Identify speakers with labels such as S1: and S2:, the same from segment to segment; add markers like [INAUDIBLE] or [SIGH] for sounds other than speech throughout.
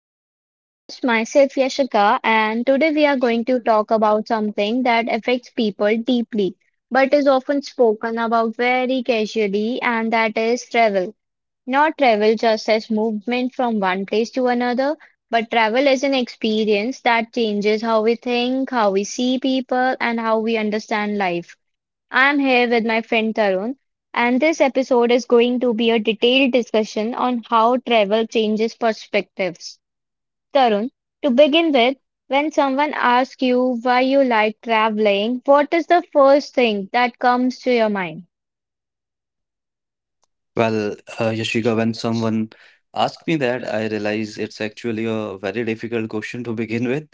S1: our podcast. Myself Yashika, and today we are going to talk about something that affects people deeply but is often spoken about very casually, and that is travel. Not travel just as movement from one place to another, but travel as an experience that changes how we think, how we see people, and how we understand life. I'm here with my friend Tarun, and this episode is going to be a detailed discussion on how travel changes perspectives. Tarun, to begin with, when someone asks you why you like traveling, what is the first thing that comes to your mind?
S2: Well, Yashika, when someone asks me that, I realize it's actually a very difficult question to begin with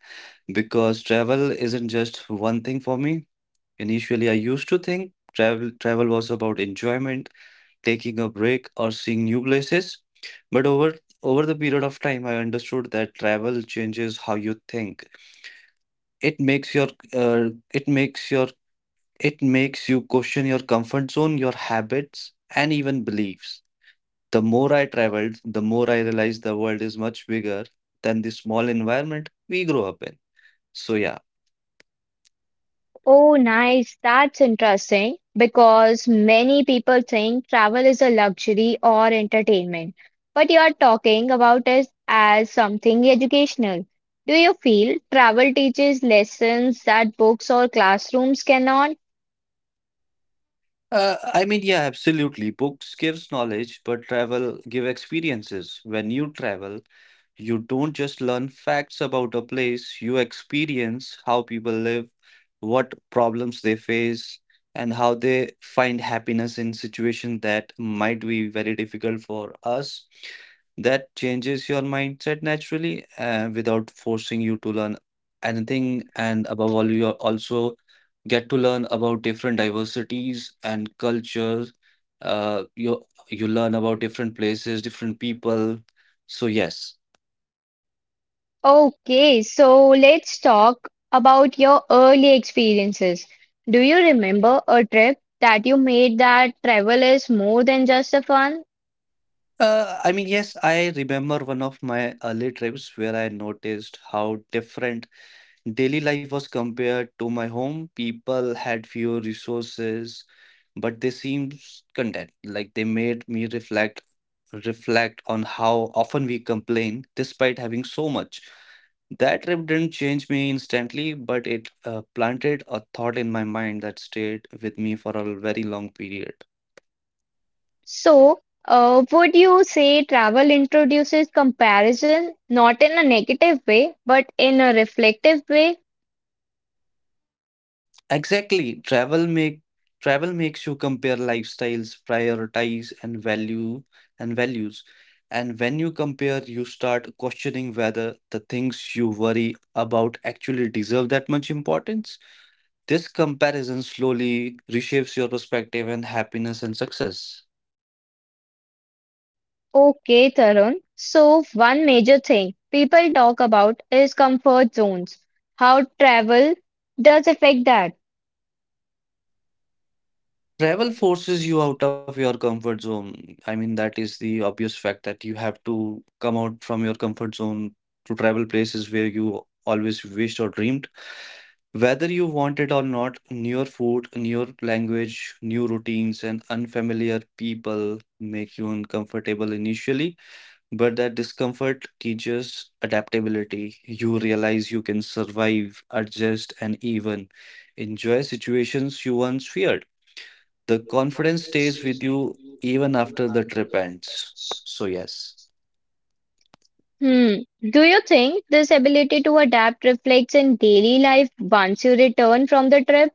S2: because travel isn't just one thing for me. Initially, I used to think travel was about enjoyment, taking a break, or seeing new places. But over the period of time, I understood that travel changes how you think. It makes your uh, it makes your it makes you question your comfort zone, your habits, and even beliefs. The more I traveled, the more I realized the world is much bigger than the small environment we grow up in. So, yeah.
S1: Oh, nice. That's interesting because many people think travel is a luxury or entertainment, but you are talking about it as something educational. Do you feel travel teaches lessons that books or classrooms cannot?
S2: I mean, yeah, absolutely. Books gives knowledge, but travel give experiences. When you travel, you don't just learn facts about a place, you experience how people live, what problems they face, and how they find happiness in situations that might be very difficult for us. That changes your mindset naturally, without forcing you to learn anything. And above all, you are also get to learn about different diversities and cultures. Uh, you you learn about different places, different people. So yes,
S1: Okay, so let's talk about your early experiences. Do you remember a trip that you made that travel is more than just a fun?
S2: I mean yes, I remember one of my early trips where I noticed how different daily life was compared to my home. People had fewer resources, but they seemed content. Like they made me reflect on how often we complain despite having so much. That trip didn't change me instantly, but it planted a thought in my mind that stayed with me for a very long period.
S1: So, would you say travel introduces comparison, not in a negative way, but in a reflective way?
S2: Exactly. Travel makes you compare lifestyles, prioritize and value and values. And when you compare, you start questioning whether the things you worry about actually deserve that much importance. This comparison slowly reshapes your perspective and happiness and success.
S1: Okay, Tarun. So, one major thing people talk about is comfort zones. How travel does affect that?
S2: Travel forces you out of your comfort zone. I mean, that is the obvious fact that you have to come out from your comfort zone to travel places where you always wished or dreamed. Whether you want it or not, new food, new language, new routines, and unfamiliar people make you uncomfortable initially, but that discomfort teaches adaptability. You realize you can survive, adjust, and even enjoy situations you once feared. The confidence stays with you even after the trip ends. So, yes.
S1: Hmm. Do you think this ability to adapt reflects in daily life once you return from the trip?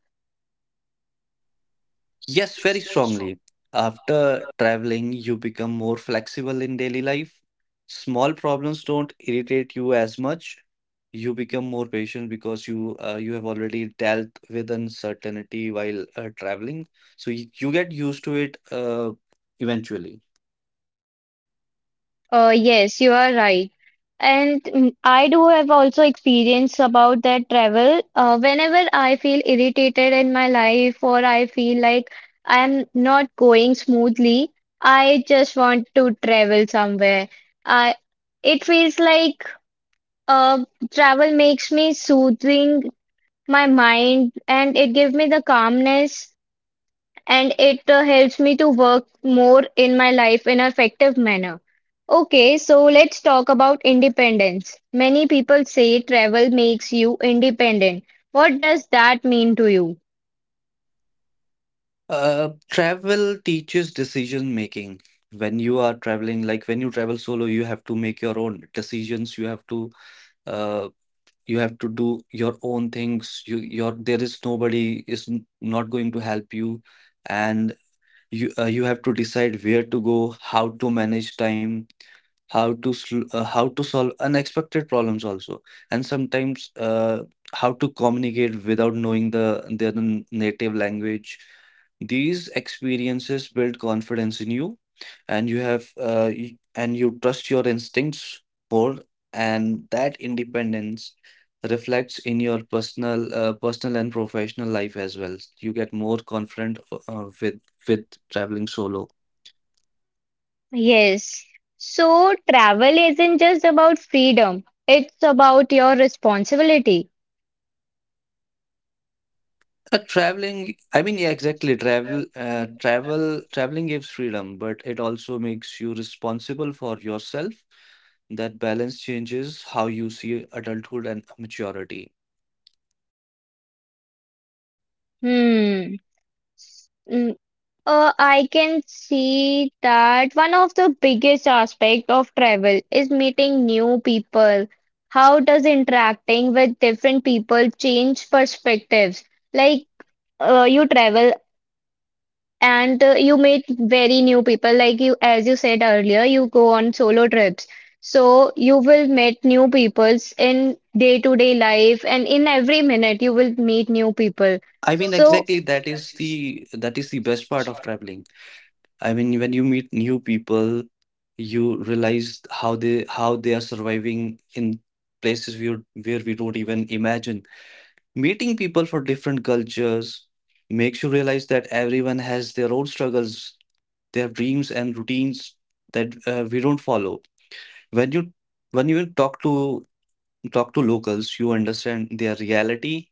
S2: Yes, very strongly. After traveling, you become more flexible in daily life. Small problems don't irritate you as much. You become more patient because you have already dealt with uncertainty while traveling, so you get used to it eventually.
S1: Yes, you are right. And I do have also experience about that travel. Whenever I feel irritated in my life or I feel like I am not going smoothly, I just want to travel somewhere. I it feels like uh, travel makes me soothing my mind and it gives me the calmness and it helps me to work more in my life in a effective manner. Okay, so let's talk about independence. Many people say travel makes you independent. What does that mean to you?
S2: Travel teaches decision making. When you are traveling, like when you travel solo, you have to make your own decisions. Uh, You have to do your own things. You, your there is not going to help you, and you have to decide where to go, how to manage time, how to solve unexpected problems also, and sometimes how to communicate without knowing the native language. These experiences build confidence in you, and and you trust your instincts more, and that independence reflects in your personal and professional life as well. You get more confident uh, with with traveling solo.
S1: Yes. So travel isn't just about freedom, it's about your responsibility.
S2: I mean, yeah, exactly. Traveling gives freedom, but it also makes you responsible for yourself. That balance changes how you see adulthood and maturity.
S1: Hmm. I can see that one of the biggest aspect of travel is meeting new people. How does interacting with different people change perspectives? Like you travel and you meet very new people. Like you, as you said earlier, you go on solo trips. So you will meet new peoples in day-to-day life and in every minute you will meet new people.
S2: I mean,
S1: So
S2: exactly, that is the best part of traveling. I mean, when you meet new people, you realize how they are surviving in places where we don't even imagine. Meeting people from different cultures makes you realize that everyone has their own struggles, their dreams and routines that we don't follow. When you when you talk to locals, you understand their reality,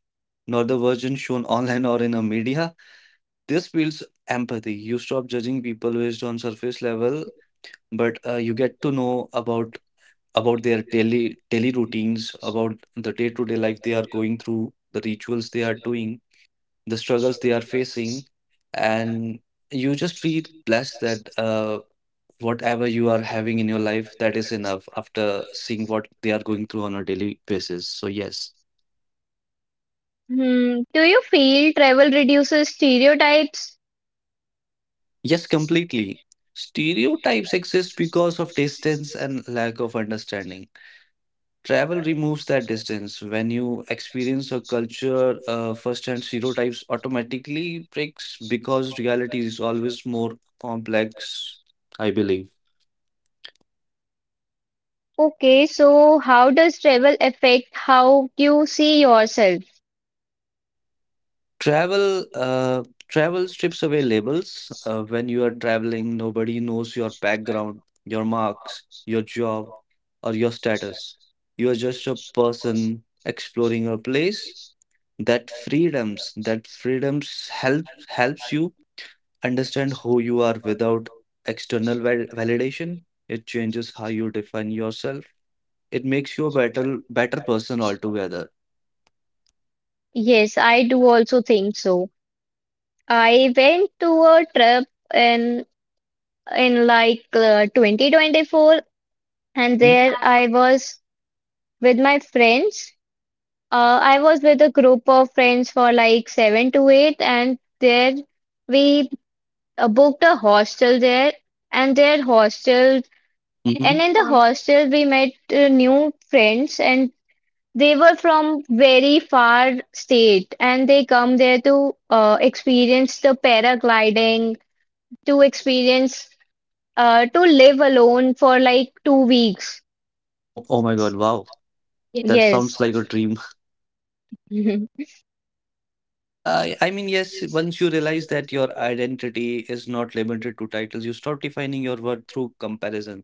S2: not the version shown online or in a media. This builds empathy. You stop judging people based on surface level, but you get to know about their daily routines, about the day to day life they are going through, the rituals they are doing, the struggles they are facing, and you just feel blessed that whatever you are having in your life, that is enough after seeing what they are going through on a daily basis. So, yes,
S1: hmm. Do you feel travel reduces stereotypes?
S2: yes, completely. Stereotypes exist because of distance and lack of understanding. Travel removes that distance. When you experience a culture firsthand, stereotypes automatically breaks because reality is always more complex, I believe.
S1: Okay, so how does travel affect how you see yourself?
S2: Travel uh, travel strips away labels. When you are traveling, nobody knows your background, your marks, your job, or your status. You are just a person exploring a place. That freedoms helps you understand who you are without validation. It changes how you define yourself. It makes you a better person altogether.
S1: Yes, I do also think so. I went to a trip in in like 2024 and
S2: Mhm.
S1: there I was with my friends. I was with a group of friends for like seven to eight and there we booked a hostel there and their hostel. And
S2: Mhm.
S1: in the
S2: [LAUGHS]
S1: hostel we met new friends and they were from very far state and they come there to experience the paragliding, to experience to live alone for like 2 weeks.
S2: Oh, oh my God! Wow. Yes. That
S1: Yes.
S2: sounds like a dream.
S1: [LAUGHS]
S2: Yeah, I mean, yes, once you realize that your identity is not limited to titles, you stop defining your worth through comparison.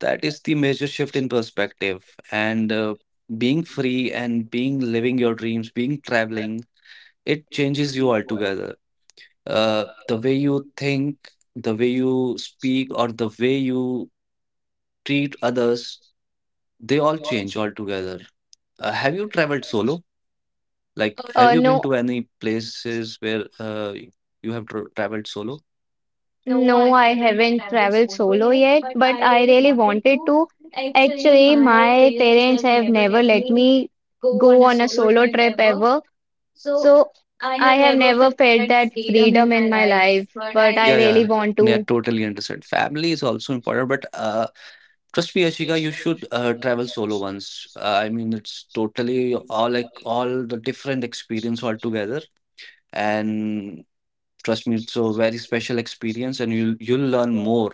S2: That is the major shift in perspective. And being free and being living your dreams, being traveling, it changes you altogether. The way you think, the way you speak, or the way you treat others, they all change altogether. Have you traveled solo? Have
S1: Uh,
S2: you been
S1: no,
S2: to any places where you have traveled solo? No,
S1: no,
S2: I
S1: I
S2: haven't
S1: haven't
S2: traveled
S1: traveled
S2: solo
S1: solo
S2: yet,
S1: yet,
S2: but I
S1: but I
S2: really
S1: really
S2: wanted to.
S1: wanted to.
S2: Actually,
S1: Actually,
S2: my
S1: my
S2: parents
S1: parents
S2: have
S1: have
S2: never
S1: never
S2: let
S1: let
S2: me
S1: me
S2: go on
S1: go
S2: a
S1: on a
S2: solo
S1: solo
S2: trip
S1: trip
S2: ever.
S1: ever,
S2: So
S1: so
S2: I
S1: I
S2: have
S1: have
S2: never
S1: never
S2: felt
S1: felt
S2: that
S1: that
S2: freedom
S1: freedom
S2: in my
S1: in my
S2: life.
S1: life,
S2: But I
S1: but
S2: Yeah,
S1: I
S2: really
S1: really
S2: yeah,
S1: want
S2: yeah,
S1: to. [LAUGHS]
S2: totally understood. Family is also important, but trust me, Ashika, you should travel solo once. I mean, it's totally all the different experience altogether, and trust me, it's a very special experience and you'll learn more.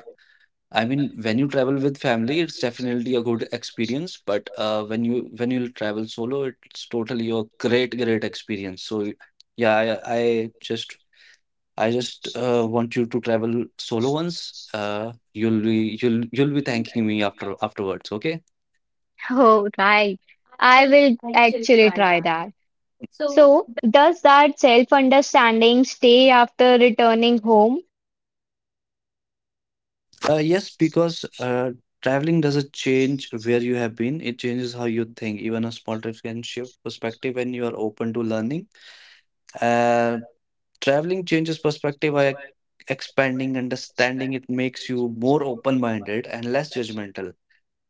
S2: I mean, when you travel with family it's definitely a good experience, but when you'll travel solo it's totally a great experience. So yeah, I just want you to travel solo once. You'll be thanking me afterwards, okay?
S1: Oh, right. I will actually try that. So does that self-understanding stay after returning home?
S2: Yes, because traveling doesn't change where you have been, it changes how you think. Even a small trip can shift perspective when you are open to learning. Uh, traveling changes perspective by expanding understanding. It makes you more open-minded and less judgmental,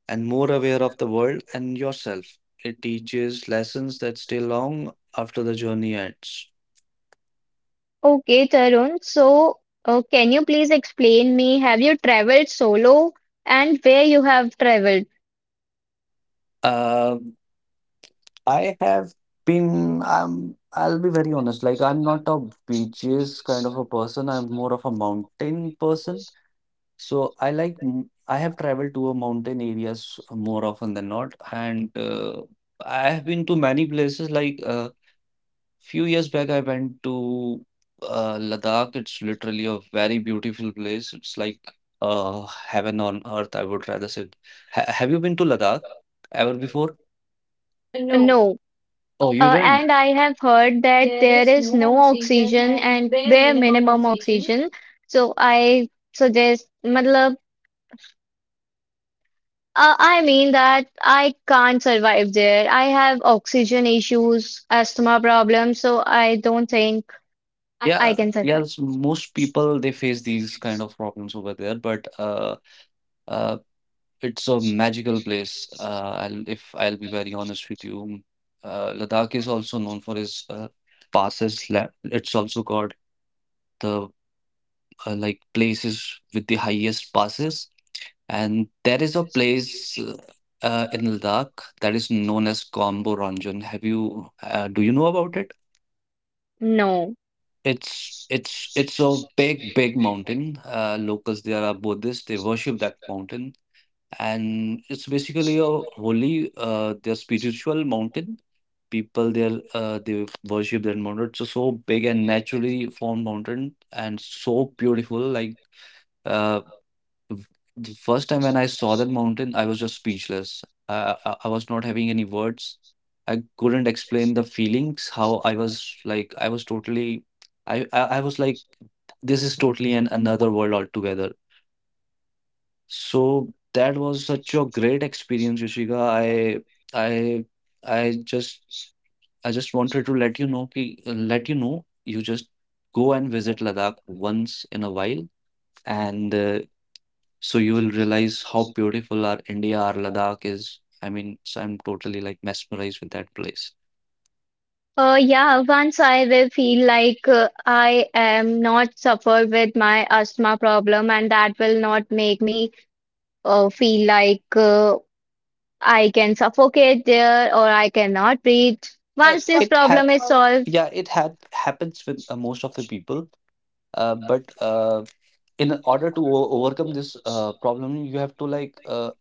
S2: and more aware of the world and yourself. It teaches lessons that stay long after the journey ends.
S1: Okay, Tarun. So can you please explain me, have you traveled solo and where you have traveled?
S2: Uh, I have I'll be very honest, like I'm not a beaches kind of a person. I'm more of a mountain person. So I I have traveled to a mountain areas more often than not. And I have been to many places. Like a few years back, I went to Ladakh. It's literally a very beautiful place. It's like heaven on earth, I would rather say. Ha have you been to Ladakh ever before?
S1: No.
S2: Oh, you didn't?
S1: And I have heard that
S2: There
S1: there
S2: is
S1: is
S2: no
S1: no
S2: oxygen
S1: oxygen
S2: and
S1: and
S2: bare
S1: bare
S2: minimum
S1: minimum
S2: oxygen.
S1: oxygen. So I suggest मतलब. I mean that I can't survive there. I have oxygen issues, asthma problems, so I don't think
S2: I Yeah,
S1: I can survive.
S2: yes, most people they face these kind of problems over there, but uh, it's a magical place. If I'll be very honest with you, Ladakh is also known for its passes. It's also called the like places with the highest passes. And there is a place in Ladakh that is known as Kombo Ranjan. Have you do you know about it?
S1: No.
S2: It's it's a big mountain. Locals there are Buddhists. They worship that mountain, and it's basically a holy, their spiritual mountain. People there, they worship that mountain. It's a so big and naturally formed mountain, and so beautiful. Like uh, the first time when I saw that mountain, I was just speechless. I was not having any words. I couldn't explain the feelings, how I was like, I was totally, I was like, this is totally an another world altogether. So that was such a great experience, Yoshika. I, I just, I just wanted to let you know, let you know, you just go and visit Ladakh once in a while. And so you will realize how beautiful our India, our Ladakh is. I mean, so I'm totally like mesmerized with that place.
S1: Yeah, once I will feel like I am not suffered with my asthma problem, and that will not make me feel like I can suffocate there or I cannot breathe.
S2: Yeah,
S1: Once this
S2: it had.
S1: problem is solved,
S2: Yeah, it had happens with most of the people. But in order to overcome this problem, you have to like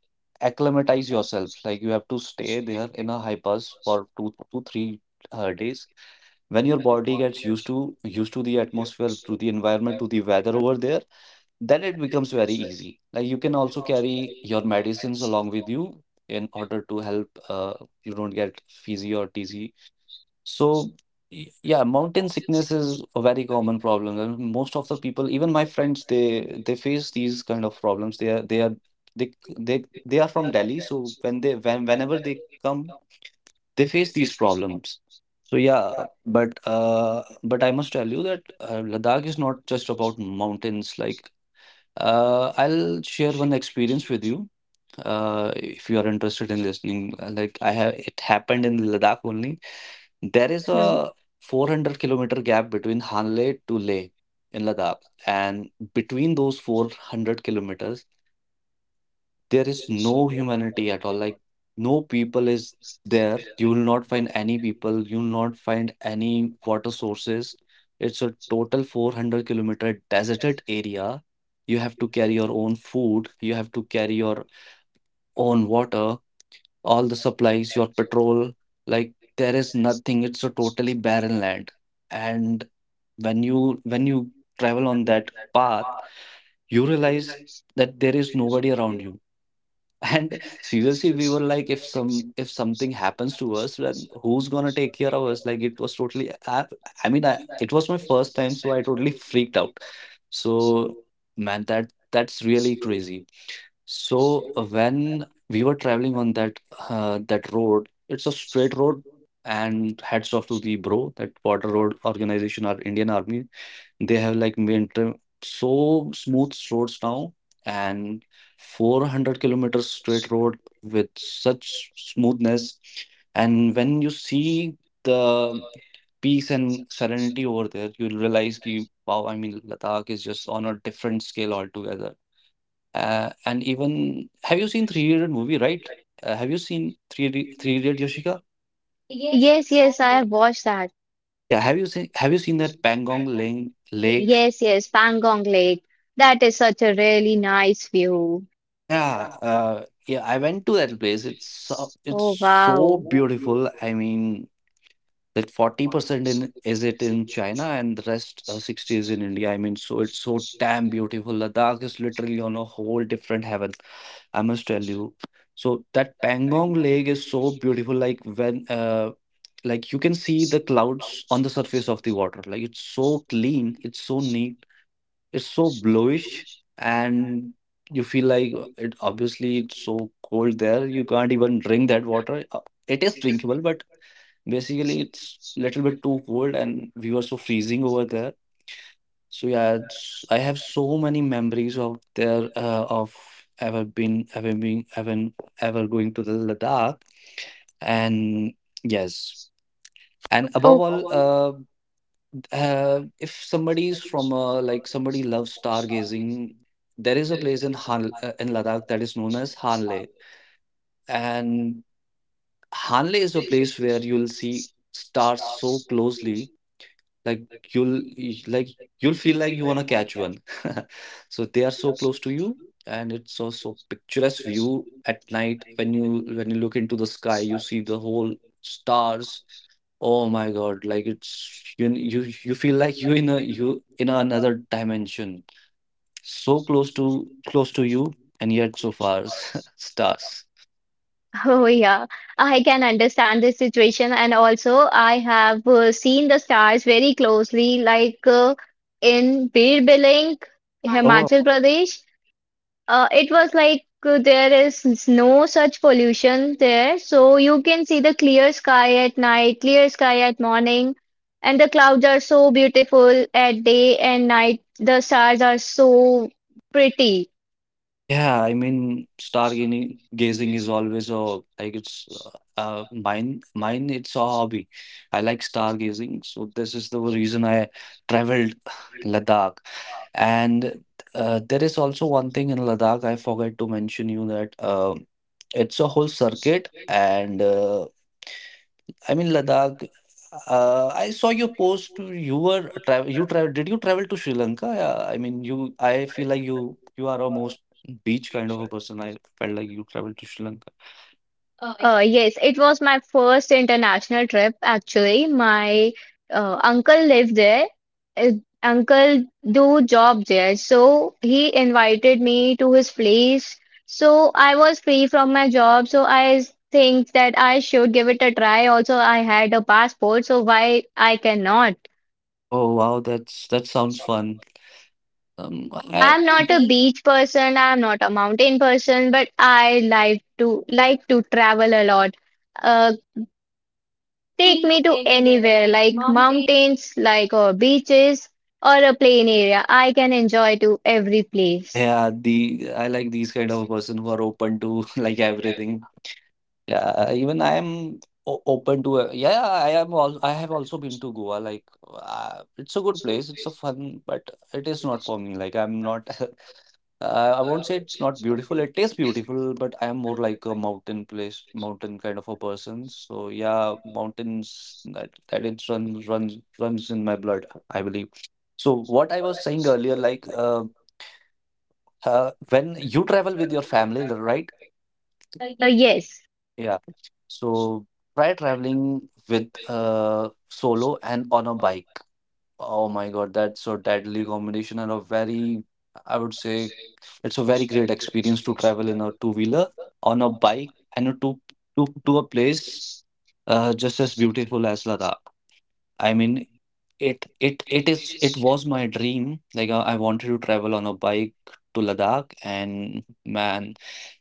S2: acclimatize yourself. Like you have to stay there in a high pass for two three days. When your body gets used to the atmosphere, to the environment, to the weather over there, then it becomes very easy. Like you can also carry your medicines along with you in order to help, you don't get fizzy or dizzy. So yeah, mountain sickness is a very common problem. And most of the people, even my friends, they face these kind of problems. They are they are they c- they are from Delhi, so when whenever they come, they face these problems. So yeah, but I must tell you that Ladakh is not just about mountains. Like I'll share one experience with you. If you are interested in listening, it happened in Ladakh only. There is
S1: hmm.
S2: a 400-kilometer gap between Hanle to Leh in Ladakh, and between those 400 kilometers, there is no humanity at all. Like no people is there. You will not find any people, you will not find any water sources. It's a total 400-kilometer deserted area. You have to carry your own food, you have to carry your own water, all the supplies, your petrol. Like, there is nothing, it's a totally barren land. And when you travel on that path, you realize that there is nobody around you. And [LAUGHS] seriously, we were like, if some if something happens to us, then who's gonna take care of us? Like it was totally. It was my first time, so I totally freaked out. So man, that's really crazy. So when we were traveling on that road, it's a straight road, and hats off to the bro, that Water Road Organization or Indian Army, they have like maintained so smooth roads now. And 400 kilometers straight road with such smoothness. And when you see the peace and serenity over there, you'll realize ki, wow, I mean, Ladakh is just on a different scale altogether. And even have you seen Three Idiot movie, right? Have you seen Three Idiot, Yoshika? Yes,
S1: Yes,
S2: yes, I
S1: yes,
S2: have.
S1: I have watched that.
S2: Yeah, have you seen that Pangong Lane Lake?
S1: Yes, yes, Pangong Lake. That is such a really nice view.
S2: Yeah, yeah, I went to that place. It's
S1: Oh,
S2: so
S1: wow.
S2: beautiful. I mean, like 40% in, is it in China, and the rest 60 is in India. I mean, so it's so damn beautiful. Ladakh is literally on a whole different heaven, I must tell you. So that Pangong Lake is so beautiful. Like when like you can see the clouds on the surface of the water. Like it's so clean, it's so neat, it's so bluish, and you feel like, it obviously it's so cold there. You can't even drink that water. It is drinkable, but basically it's little bit too cold, and we were so freezing over there. So yeah, it's, I have so many memories of there of ever been ever being ever ever going to the Ladakh, and yes, and above all.
S1: Oh,
S2: If somebody is from a like somebody loves stargazing, there is a place in Han in Ladakh that is known as Hanle, and Hanle is a place where you'll see stars so closely. Like you'll y- like you'll feel like you wanna catch one. [LAUGHS] So they are so close to you, and it's so so picturesque view at night. When you look into the sky, you see the whole stars. Oh my God, like it's you feel like you in another dimension. So close to you and yet so far. [LAUGHS] Stars.
S1: [LAUGHS] oh yeah. I can understand this situation, and also I have seen the stars very closely, like in Bir Biling,
S2: Oh
S1: Himachal Pradesh. It was like there is no such pollution there, so you can see the clear sky at night, clear sky at morning, and the clouds are so beautiful at day and night. The stars are so pretty.
S2: yeah, I mean, stargazing gazing is always a like it's, mine it's a hobby. I like stargazing, so this is the reason I traveled [SIGHS] Ladakh. And there is also one thing in Ladakh I forgot to mention you that, it's a whole circuit and I mean Ladakh. I saw your post. You were travel. You travel. Did you travel to Sri Lanka? Yeah, I mean, you. I feel like You are almost beach kind of a person. I felt like you traveled to Sri Lanka. Oh I-
S1: Yes, it was my first international trip actually. My uncle lived there. Uh, Uncle do job there, so he invited me to his place. So I was free from my job, so I think that I should give it a try. Also, I had a passport, so why I cannot?
S2: Oh wow, that sounds fun.
S1: I'm
S2: The
S1: not a
S2: beach
S1: beach person, I'm not a mountain person, but I like to travel a lot. Uh,
S2: take
S1: Take
S2: me to
S1: me to
S2: anywhere,
S1: anywhere,
S2: like
S1: like
S2: mountains.
S1: mountains, like or beaches, or a plain area. I can enjoy to every place.
S2: Yeah, the I like these kind of a person who are open to [LAUGHS] like everything. Yeah, even I am o open to a yeah, I am all I have also been to Goa. Like, it's a good place. It's a fun, but it is not for me. Like, I'm not. [LAUGHS] I won't say it's not beautiful. It is beautiful, but I am more like a mountain place, mountain kind of a person. So yeah, mountains, that that it runs in my blood, I believe. So what I was saying earlier, like, when you travel with your family, right?
S1: Yes.
S2: Yeah. So try traveling with solo and on a bike. Oh my God, that's a deadly combination and a very, I would say, it's a very great experience to travel in a two-wheeler, on a bike, and a to a place just as beautiful as Ladakh. I mean, it was my dream. Like I wanted to travel on a bike to Ladakh, and man,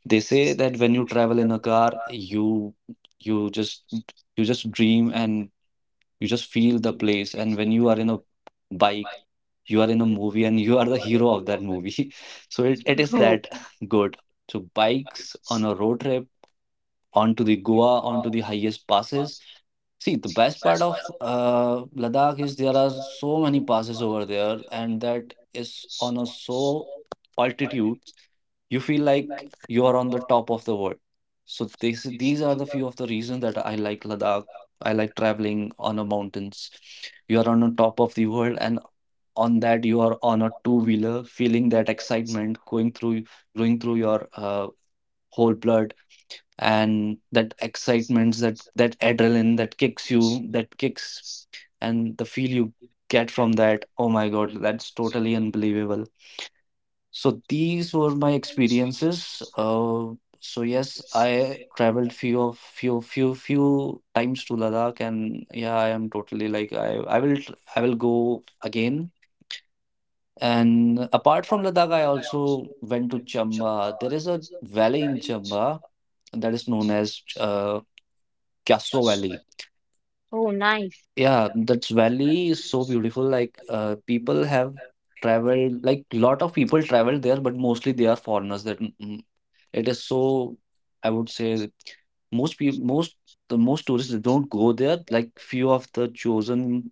S2: they say that when you travel in a car, you just you just dream and you just feel the place. And when you are in a bike, you are in a movie and you [LAUGHS] are the hero of that movie. [LAUGHS] So it is
S1: Oh,
S2: that good. So bikes on a road trip onto the Goa, onto the highest passes. See, the best part of Ladakh is there are so many passes over there, and that is on a so altitude, you feel like you are on the top of the world. So these are the few of the reasons that I like Ladakh. I like traveling on the mountains. You are on the top of the world, and on that you are on a two-wheeler, feeling that excitement going through your whole blood, and that excitements, that that adrenaline that kicks, and the feel you get from that, oh my god, that's totally unbelievable. So these were my experiences. So yes, I traveled few times to Ladakh, and yeah, I am totally like I will I will go again. And apart from Ladakh, I also went to Chamba. There is a valley in Chamba that is known as, Castro Valley.
S1: oh, nice.
S2: Yeah, that valley is so beautiful. Like people have traveled, like lot of people travel there, but mostly they are foreigners. It is so, I would say, most people, most the most tourists they don't go there. Like few of the chosen,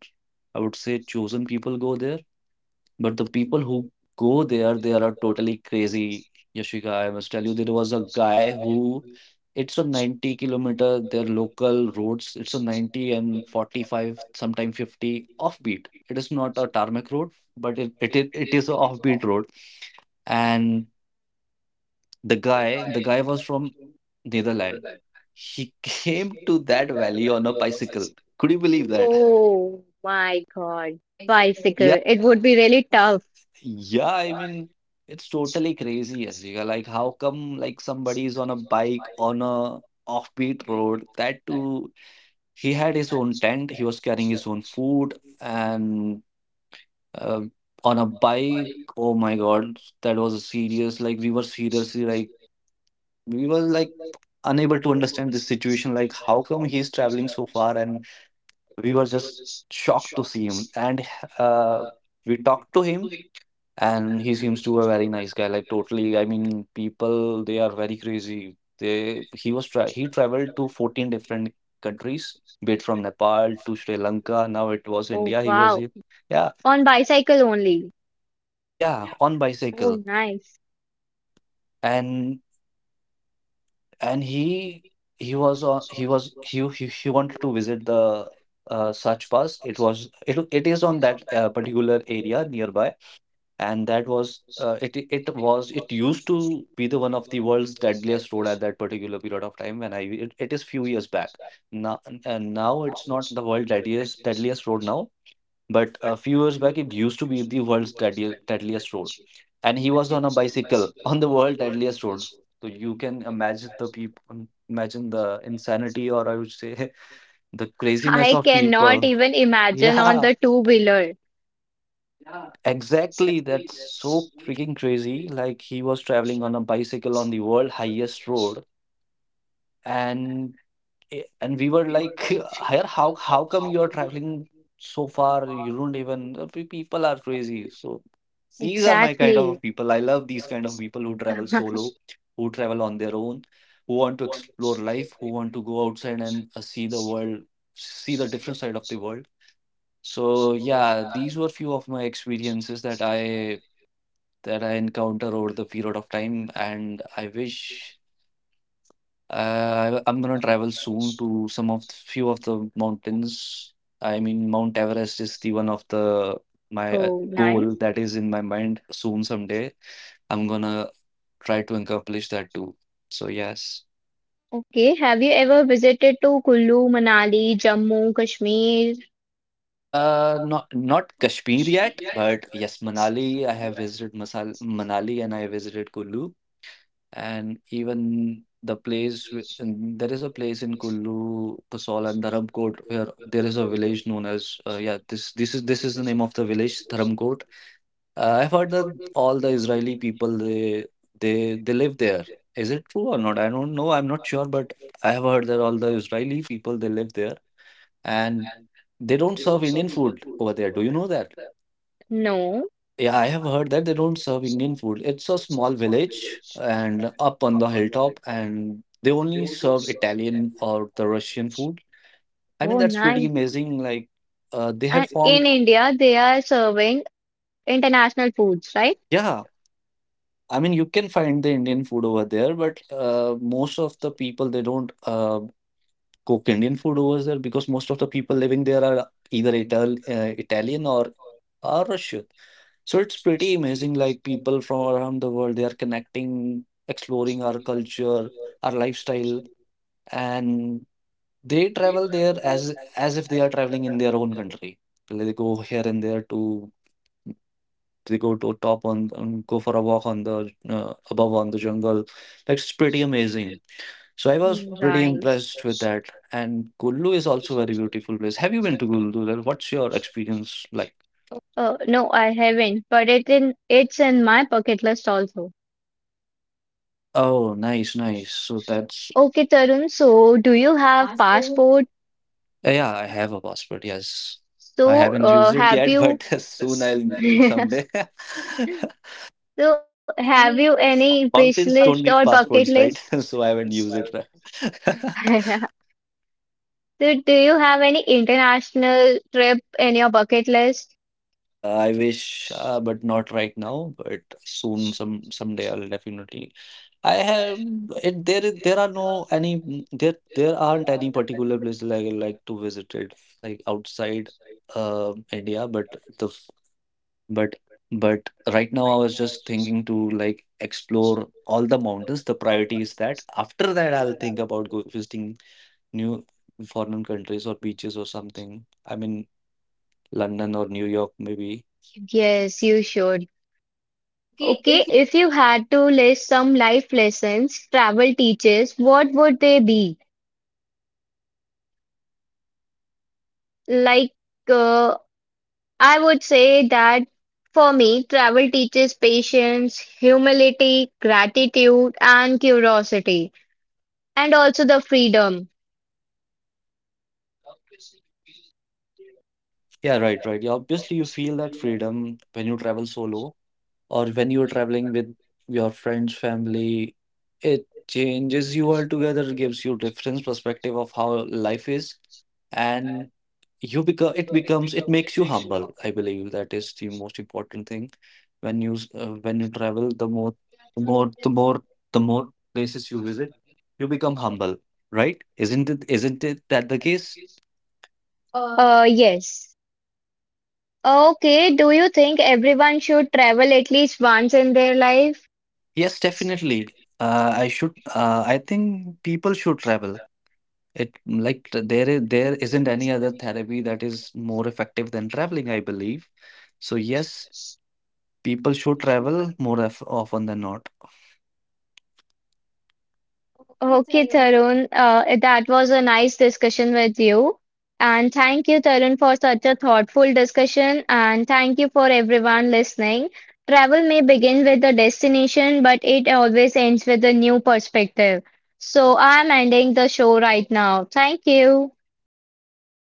S2: I would say, chosen people go there. But the people who go there, they are totally crazy. Yashika, I must tell you, there was a guy who, it's a 90-kilometer, their local roads, it's a 90 and 45, sometime 50 offbeat. It is not a tarmac road, but it is a offbeat road. And the guy was from Netherlands. He [LAUGHS] came to that valley on a bicycle. Could you believe that?
S1: Oh my God.
S2: Bicycle. Yeah.
S1: Bicycle. It would be really tough.
S2: Yeah, I mean, it's totally crazy, Asika. Like, how come like somebody is on a bike on a offbeat road? That too, he had his own tent. He was carrying his own food and uh, on a bike. Oh my God, that was a serious. Like, we were seriously like we were like unable to understand this situation. Like, how come he's traveling so far? And we were just shocked to see him. And uh, we talked to him, and he seems to a very nice guy, like totally. I mean, people they are very crazy. They He was he traveled to 14 different countries, be it from Nepal to Sri Lanka. Now it was
S1: Oh,
S2: India, he was
S1: wow.
S2: here. Yeah.
S1: On bicycle only.
S2: Yeah, on
S1: Oh,
S2: bicycle.
S1: nice.
S2: And and he he was on he was he wanted to visit the, Sach Pass. It is on that particular area nearby, and that was, it used to be the one of the world's deadliest road at that particular period of time when I it is few years back now. And now it's not the world deadliest road now, but a few years back it used to be the world's deadliest road. And he was on a bicycle [LAUGHS] on the world deadliest roads. So you can imagine the people, imagine the insanity, or I would say [LAUGHS] the craziness
S1: I
S2: of
S1: cannot
S2: people.
S1: even
S2: [LAUGHS]
S1: imagine on
S2: Yeah.
S1: the two-wheeler.
S2: Exactly, that's so freaking crazy. Like he was traveling on a bicycle on the world highest road, and and we were like, [LAUGHS] "Here, how come you are traveling so far? You don't even people are crazy." So these are my kind
S1: Exactly.
S2: of people. I love these kind of people who travel solo,
S1: [LAUGHS]
S2: who travel on their own, who want to explore life, who want to go outside and see the world, see the different side of the world. So yeah, these were few of my experiences that I encounter over the period of time, and I wish I'm gonna travel soon to some of the few of the mountains. I mean, Mount Everest is the one of the my
S1: Oh,
S2: goal
S1: nice.
S2: that is in my mind soon someday. I'm gonna try to accomplish that too. So yes.
S1: Okay, have you ever visited to Kullu, Manali, Jammu, Kashmir?
S2: Not Kashmir yet, but yes, Manali. I have visited Masal Manali and I visited Kullu. And even there is a place in Kullu, Kasol and Dharamkot where there is a village known as yeah this this is the name of the village Dharamkot. I've heard that all the Israeli people they live there. Is it true or not? I don't know. I'm not sure, but I have heard that all the Israeli people they live there and they don't serve Indian food over there. Do you know that?
S1: No.
S2: Yeah, I have heard that they don't serve Indian food. It's a small village and up on the hilltop, and they only serve Italian or the Russian food. I mean,
S1: Oh,
S2: that's pretty
S1: nice.
S2: amazing. Like, they have
S1: And in
S2: formed,
S1: India, they are serving international foods, right?
S2: yeah. I mean, you can find the Indian food over there, but most of the people they don't. Cook Indian food over there because most of the people living there are either Italian or are Russian. So it's pretty amazing. Like people from around the world, they are connecting, exploring our culture, our lifestyle, and they travel there as if they are traveling in their own country. They go here and there to they go to top on go for a walk on the above on the jungle. Like it's pretty amazing. So I was
S1: Mm,
S2: pretty
S1: nice.
S2: impressed with that. And Kullu is also a very beautiful place. Have you been to Kullu? Then what's your experience like?
S1: No, I haven't, but it in it's in my bucket list also.
S2: Oh, nice, nice. So that's
S1: Okay, Tarun, so do you have
S2: passport.
S1: passport?
S2: Yeah, I have a passport. Yes, I
S1: So,
S2: haven't used it
S1: have
S2: yet,
S1: you
S2: but [LAUGHS] soon I'll use it
S1: [LAUGHS]
S2: someday. [LAUGHS]
S1: so, have you
S2: Any
S1: any wish list
S2: Mountains
S1: or
S2: don't need
S1: bucket
S2: passports,
S1: list?
S2: right? [LAUGHS] So I haven't used it. [LAUGHS]
S1: [LAUGHS] So, do you have any international trip in your bucket list?
S2: I wish, but not right now. But soon, someday, I'll definitely. I have it. There, is- There are no any. There aren't any particular places I like to visit it, like outside, India. But the, f- but, but right now, I was just thinking to like explore all the mountains. The priority is that after that, I'll think about go visiting new foreign countries or beaches or something. I mean, London or New York, maybe.
S1: Yes, you should.
S2: Okay,
S1: Okay,
S2: if
S1: if you had to list some life lessons travel teaches, what would they be? Like, uh, I would say that for me, travel teaches patience, humility, gratitude, and curiosity, and also the freedom.
S2: yeah, right, right. Yeah, obviously you feel that freedom when you travel solo or when you're traveling with your friends, family. It changes you altogether, gives you different perspective of how life is, and you become it becomes it makes you humble. I believe that is the most important thing when when you travel. The more, the more, the more places you visit, you become humble, right? Isn't it? Isn't it that the case?
S1: Yes. Okay, do you think everyone should travel at least once in their life?
S2: Yes, definitely. I should. I think people should travel. It like there is there isn't any other therapy that is more effective than traveling, I believe. So yes, people should travel more of often than not.
S1: Okay, Tarun, that was a nice discussion with you. And thank you, Tarun, for such a thoughtful discussion. And thank you for everyone listening. Travel may begin with the destination, but it always ends with a new perspective. So I'm ending the show right now. Thank you.
S2: You're welcome, Yashika.